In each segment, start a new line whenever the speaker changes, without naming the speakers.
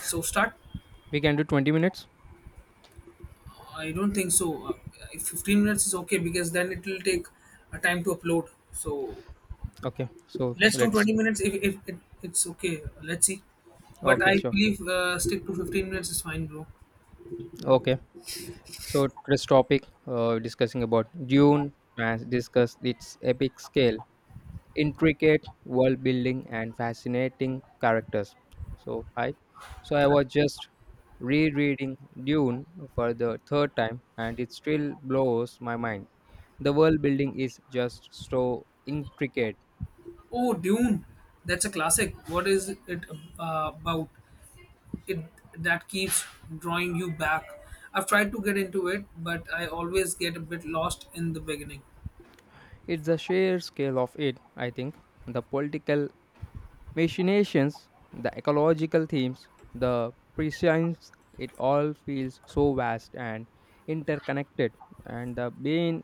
So start.
We can do 20 minutes.
I don't think so. If 15 minutes is okay because then it will take time to upload. So
Okay. So
let's do
let's.
20 minutes if it's okay. Let's see. But
Okay,
I
sure.
believe stick to 15 minutes is fine, bro.
Okay. So this topic discussing about Dune has discussed its epic scale, intricate world building, and fascinating characters. So hi. So I was just rereading Dune for the third time, and it still blows my mind. The world building is just so intricate.
Oh, Dune. That's a classic. What is it about? It that keeps drawing you back. I've tried to get into it, but I always get a bit lost in the beginning.
It's the sheer scale of it, I think, the political machinations, the ecological themes, the prescience, it all feels so vast and interconnected, and the Bane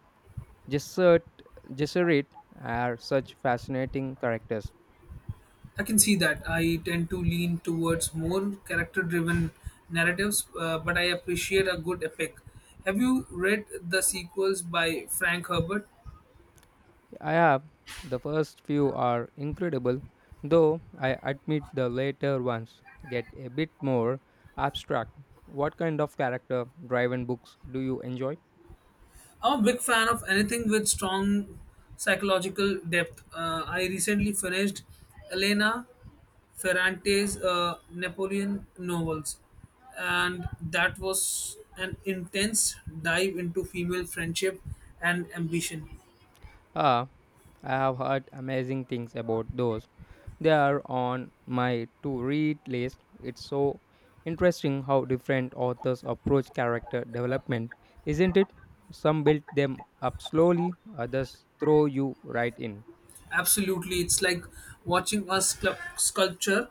Gesserit, Gesserit are such fascinating characters.
I can see that. I tend to lean towards more character driven narratives, but I appreciate a good epic. Have you read the sequels by Frank Herbert?
I have the first few are incredible, though I admit the later ones get a bit more abstract. What kind of character driven books do you enjoy?
I'm a big fan of anything with strong psychological depth. I recently finished Elena Ferrante's Napoleon novels, and that was an intense dive into female friendship and ambition.
Ah, I have heard amazing things about those. They are on my to read list. It's so interesting how different authors approach character development, isn't it? Some build them up slowly, others throw you right in.
Absolutely, it's like watching a sculpture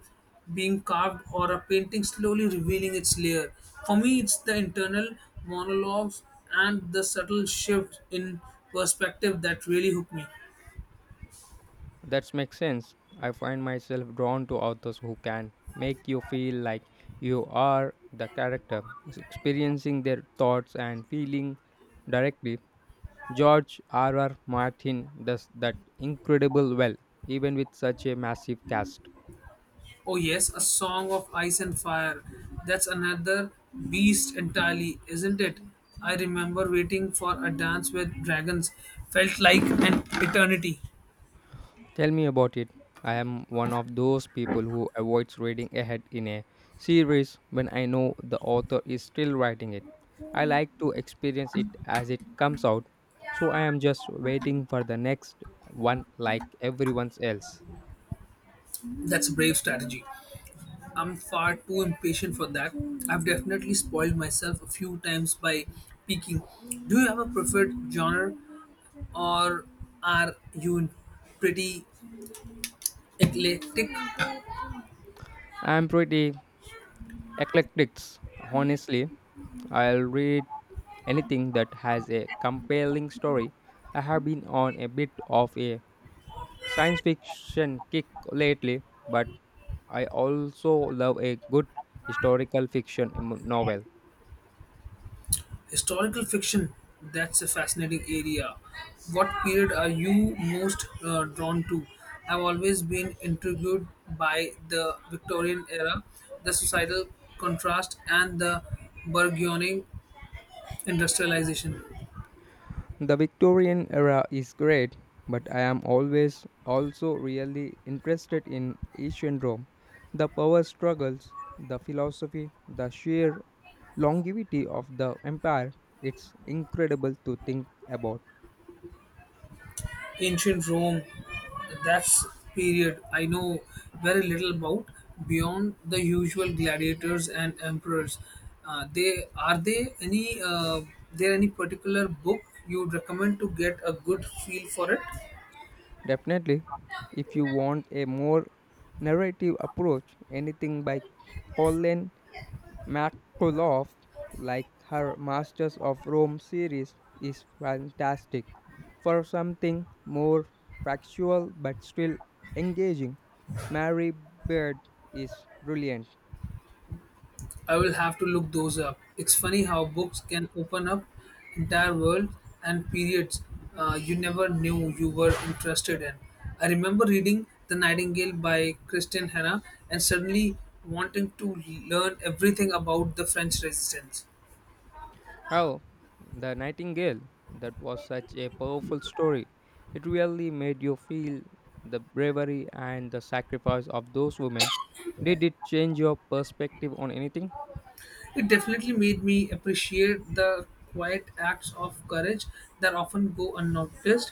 being carved or a painting slowly revealing its layer. For me, it's the internal monologues and the subtle shift in perspective that really hook me.
That makes sense. I find myself drawn to authors who can make you feel like you are the character, experiencing their thoughts and feeling directly. George R. R. Martin does that incredible well, even with such a massive cast.
Oh, yes, A Song of Ice and Fire. That's another beast entirely, isn't it? I remember waiting for a dance with dragons, felt like an eternity.
Tell me about it. I am one of those people who avoids reading ahead in a series when I know the author is still writing it. I like to experience it as it comes out, so I am just waiting for the next one like everyone else.
That's a brave strategy. I'm far too impatient for that. I've definitely spoiled myself a few times by peeking. Do you have a preferred genre or are you pretty eclectic?
I am pretty eclectic, honestly. I'll read anything that has a compelling story. I have been on a bit of a science fiction kick lately, but I also love a good historical fiction novel.
Historical fiction, that's a fascinating area. What period are you most drawn to? I've always been intrigued by the Victorian era, the societal contrast, and the burgeoning industrialization.
The Victorian era is great, but I am always also really interested in ancient Rome. The power struggles, the philosophy, the sheer longevity of the empire. It's incredible to think about.
Ancient Rome, that's period I know very little about beyond the usual gladiators and emperors. They are they any there any particular book you'd recommend to get a good feel for it?
Definitely, if you want a more narrative approach, anything by Colin McCullough, like her Masters of Rome series, is fantastic. For something more factual but still engaging, Mary Beard is brilliant.
I will have to look those up. It's funny how books can open up entire worlds and periods you never knew you were interested in. I remember reading The Nightingale by Kristen Hanna and suddenly wanting to learn everything about the French resistance.
Oh, The Nightingale. That was such a powerful story. It really made you feel the bravery and the sacrifice of those women. Did it change your perspective on anything?
It definitely made me appreciate the quiet acts of courage that often go unnoticed.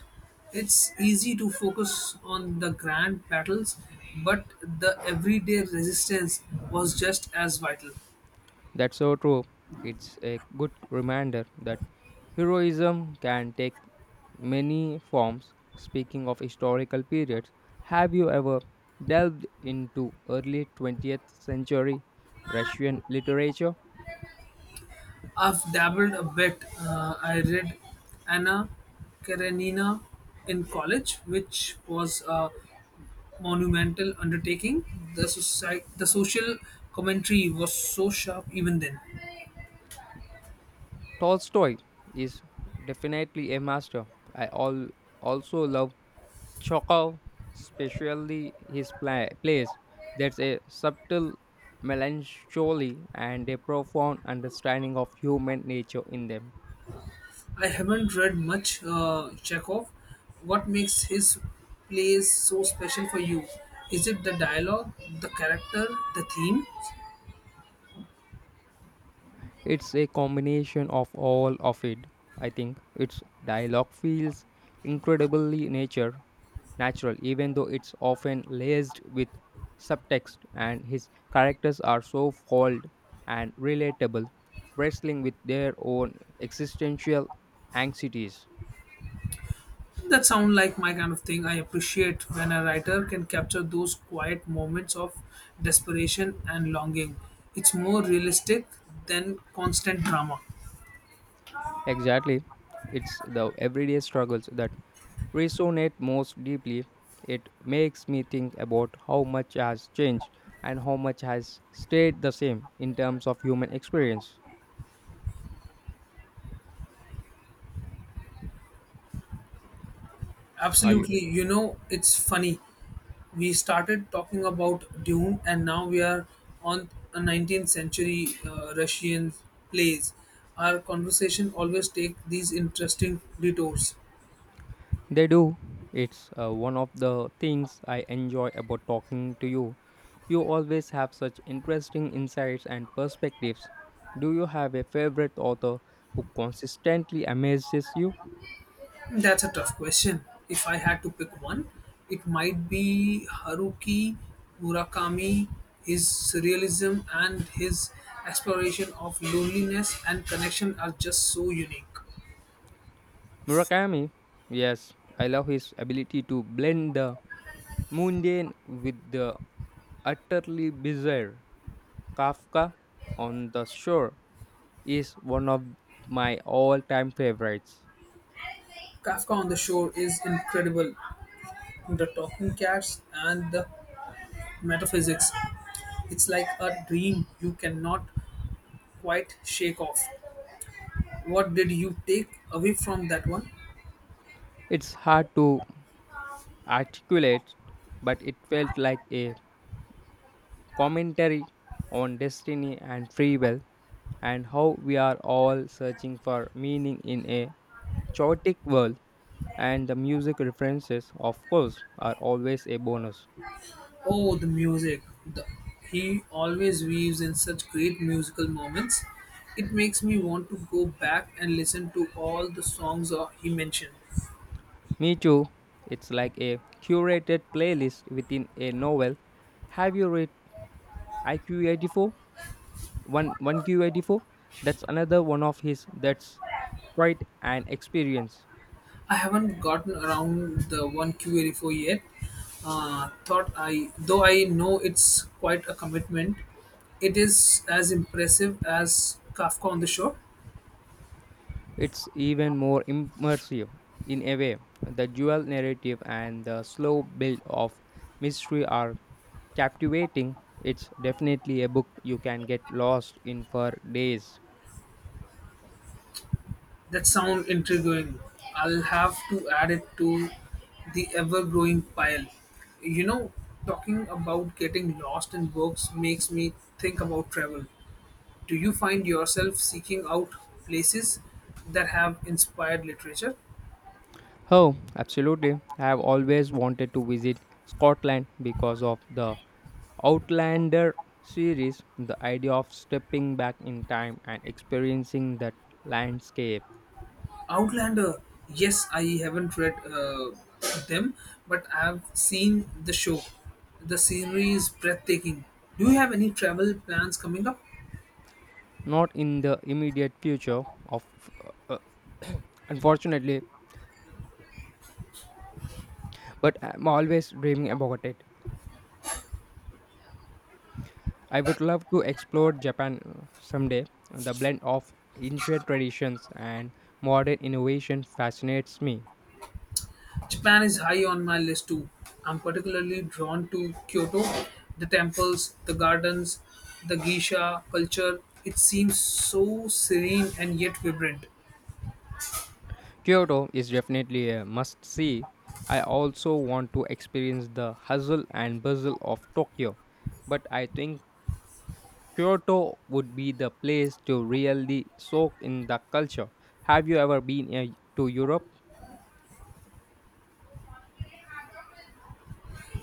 It's easy to focus on the grand battles, but the everyday resistance was just as vital.
That's so true. It's a good reminder that heroism can take many forms. Speaking of historical periods, have you ever delved into early 20th century Russian literature?
I've dabbled a bit. I read Anna Karenina in college, which was a monumental undertaking. Society, the social commentary was so sharp even then.
Tolstoy is definitely a master. I all also love Chekhov, especially his plays. That's a subtle melancholy and a profound understanding of human nature in them.
I haven't read much Chekhov. What makes his plays so special for you? Is it the dialogue, the character, the theme?
It's a combination of all of it. I think its dialogue feels incredibly nature natural, even though it's often laced with subtext, and his characters are so foiled and relatable, wrestling with their own existential anxieties.
That sound like my kind of thing. I appreciate when a writer can capture those quiet moments of desperation and longing. It's more realistic than constant drama.
Exactly. It's the everyday struggles that resonate most deeply. It makes me think about how much has changed and how much has stayed the same in terms of human experience. Are you?
Absolutely. You know, it's funny. We started talking about Dune, and now we are on a 19th century Russian plays. Our conversation always take these interesting detours.
They do. It's one of the things I enjoy about talking to you. You always have such interesting insights and perspectives. Do you have a favorite author who consistently amazes you?
That's a tough question. If I had to pick one, it might be Haruki Murakami, his surrealism and his exploration of loneliness and connection are just so unique.
Murakami. Yes, I love his ability to blend the mundane with the utterly bizarre. Kafka on the Shore is one of my all time favorites.
Kafka on the Shore is incredible. The talking cats and the metaphysics. It's like a dream you cannot quite shake off. What did you take away from that one?
It's hard to articulate, but it felt like a commentary on destiny and free will and how we are all searching for meaning in a chaotic world. And the music references, of course, are always a bonus.
Oh, the music, the he always weaves in such great musical moments. It makes me want to go back and listen to all the songs he mentioned.
Me too. It's like a curated playlist within a novel. Have you read iq eighty four, one Q84. That's another one of his. That's quite an experience.
I haven't gotten around the one Q84 yet. Though I know it's quite a commitment. It is as impressive as Kafka on the Shore.
It's even more immersive in a way. The dual narrative and the slow build of mystery are captivating. It's definitely a book you can get lost in for days.
That sounds intriguing. I'll have to add it to the ever growing pile. You know, talking about getting lost in books makes me think about travel. Do you find yourself seeking out places that have inspired literature?
Oh, absolutely. I have always wanted to visit Scotland because of the Outlander series, the idea of stepping back in time and experiencing that landscape,
Outlander, yes, I haven't read them, but I've seen the show. The scenery is breathtaking. Do you have any travel plans coming up?
not in the immediate future of uh, unfortunately, but I'm always dreaming about it. I would love to explore Japan someday. The blend of ancient traditions and modern innovation fascinates me.
Japan is high on my list too. I'm particularly drawn to Kyoto, the temples, the gardens, the geisha culture. It seems so serene and yet vibrant.
Kyoto is definitely a must see. I also want to experience the hustle and bustle of Tokyo, but I think Kyoto would be the place to really soak in the culture. Have you ever been to Europe?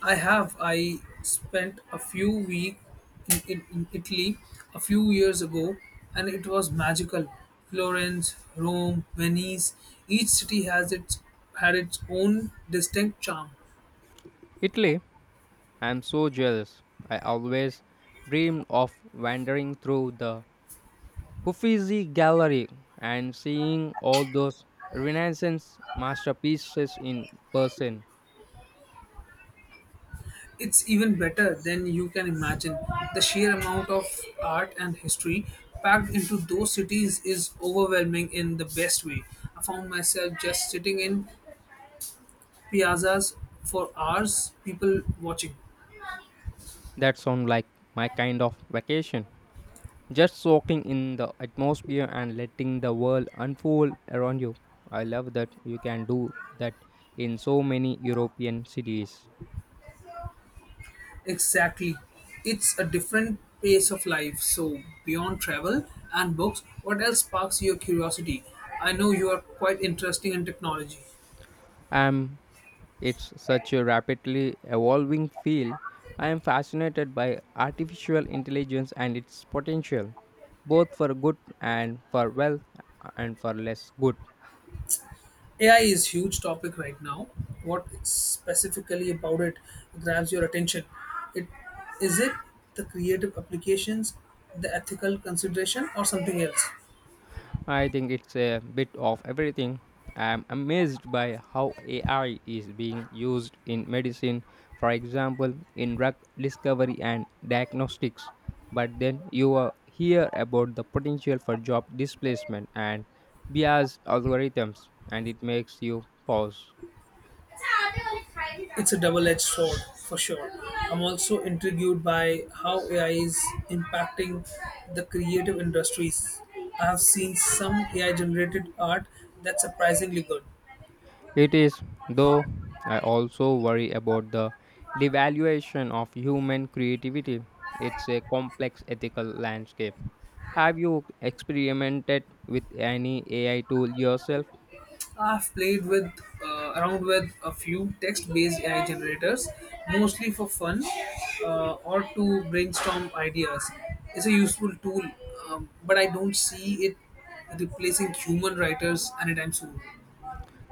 I spent a few week in Italy a few years ago and it was magical. Florence, Rome, Venice, each city has its had its own distinct charm.
Italy? I'm so jealous. I always dreamed of wandering through the Uffizi Gallery and seeing all those Renaissance masterpieces in person.
It's even better than you can imagine. The sheer amount of art and history packed into those cities is overwhelming in the best way. I found myself just sitting in piazzas for hours, people watching.
That sounds like my kind of vacation. Just soaking in the atmosphere and letting the world unfold around you. I love that you can do that in so many European cities.
Exactly. It's a different pace of life. So, beyond travel and books, what else sparks your curiosity? I know you are quite interesting in technology.
Um, it's such a rapidly evolving field. I am fascinated by artificial intelligence and its potential, both for good and for well and for less good.
AI is huge topic right now. What specifically about it grabs your attention? It is it the creative applications, the ethical consideration, or something else?
I think it's a bit of everything. I'm amazed by how AI is being used in medicine, for example, in drug discovery and diagnostics. But then you hear about the potential for job displacement and biased algorithms, and it makes you pause.
It's a double edged sword, for sure. I'm also intrigued by how AI is impacting the creative industries. I have seen some AI generated art that's surprisingly good.
It is, though I also worry about the devaluation of human creativity. It's a complex ethical landscape. Have you experimented with any AI tool yourself?
I've played with around with a few text-based AI generators, mostly for fun or to brainstorm ideas. It's a useful tool, but I don't see it replacing human writers anytime soon.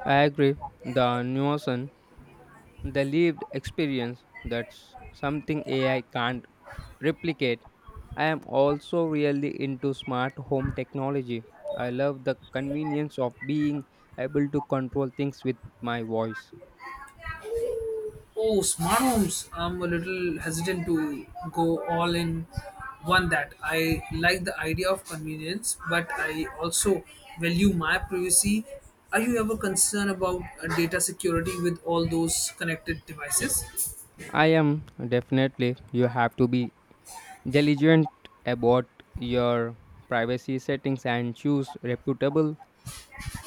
I agree. The nuisance, the lived experience, that's something AI can't replicate. I am also really into smart home technology. I love the convenience of being able to control things with my voice.
Oh, smart homes. I'm a little hesitant to go all in one that I like the idea of convenience, but I also value my privacy. Are you ever concerned about data security with all those connected devices?
I am definitely. You have to be diligent about your privacy settings and choose reputable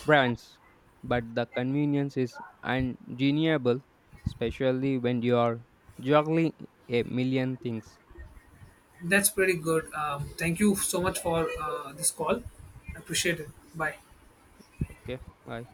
brands. But the convenience is undeniable, especially when you are juggling a million things.
That's pretty good. Thank you so much for this call. I appreciate it. Bye.
Okay, bye.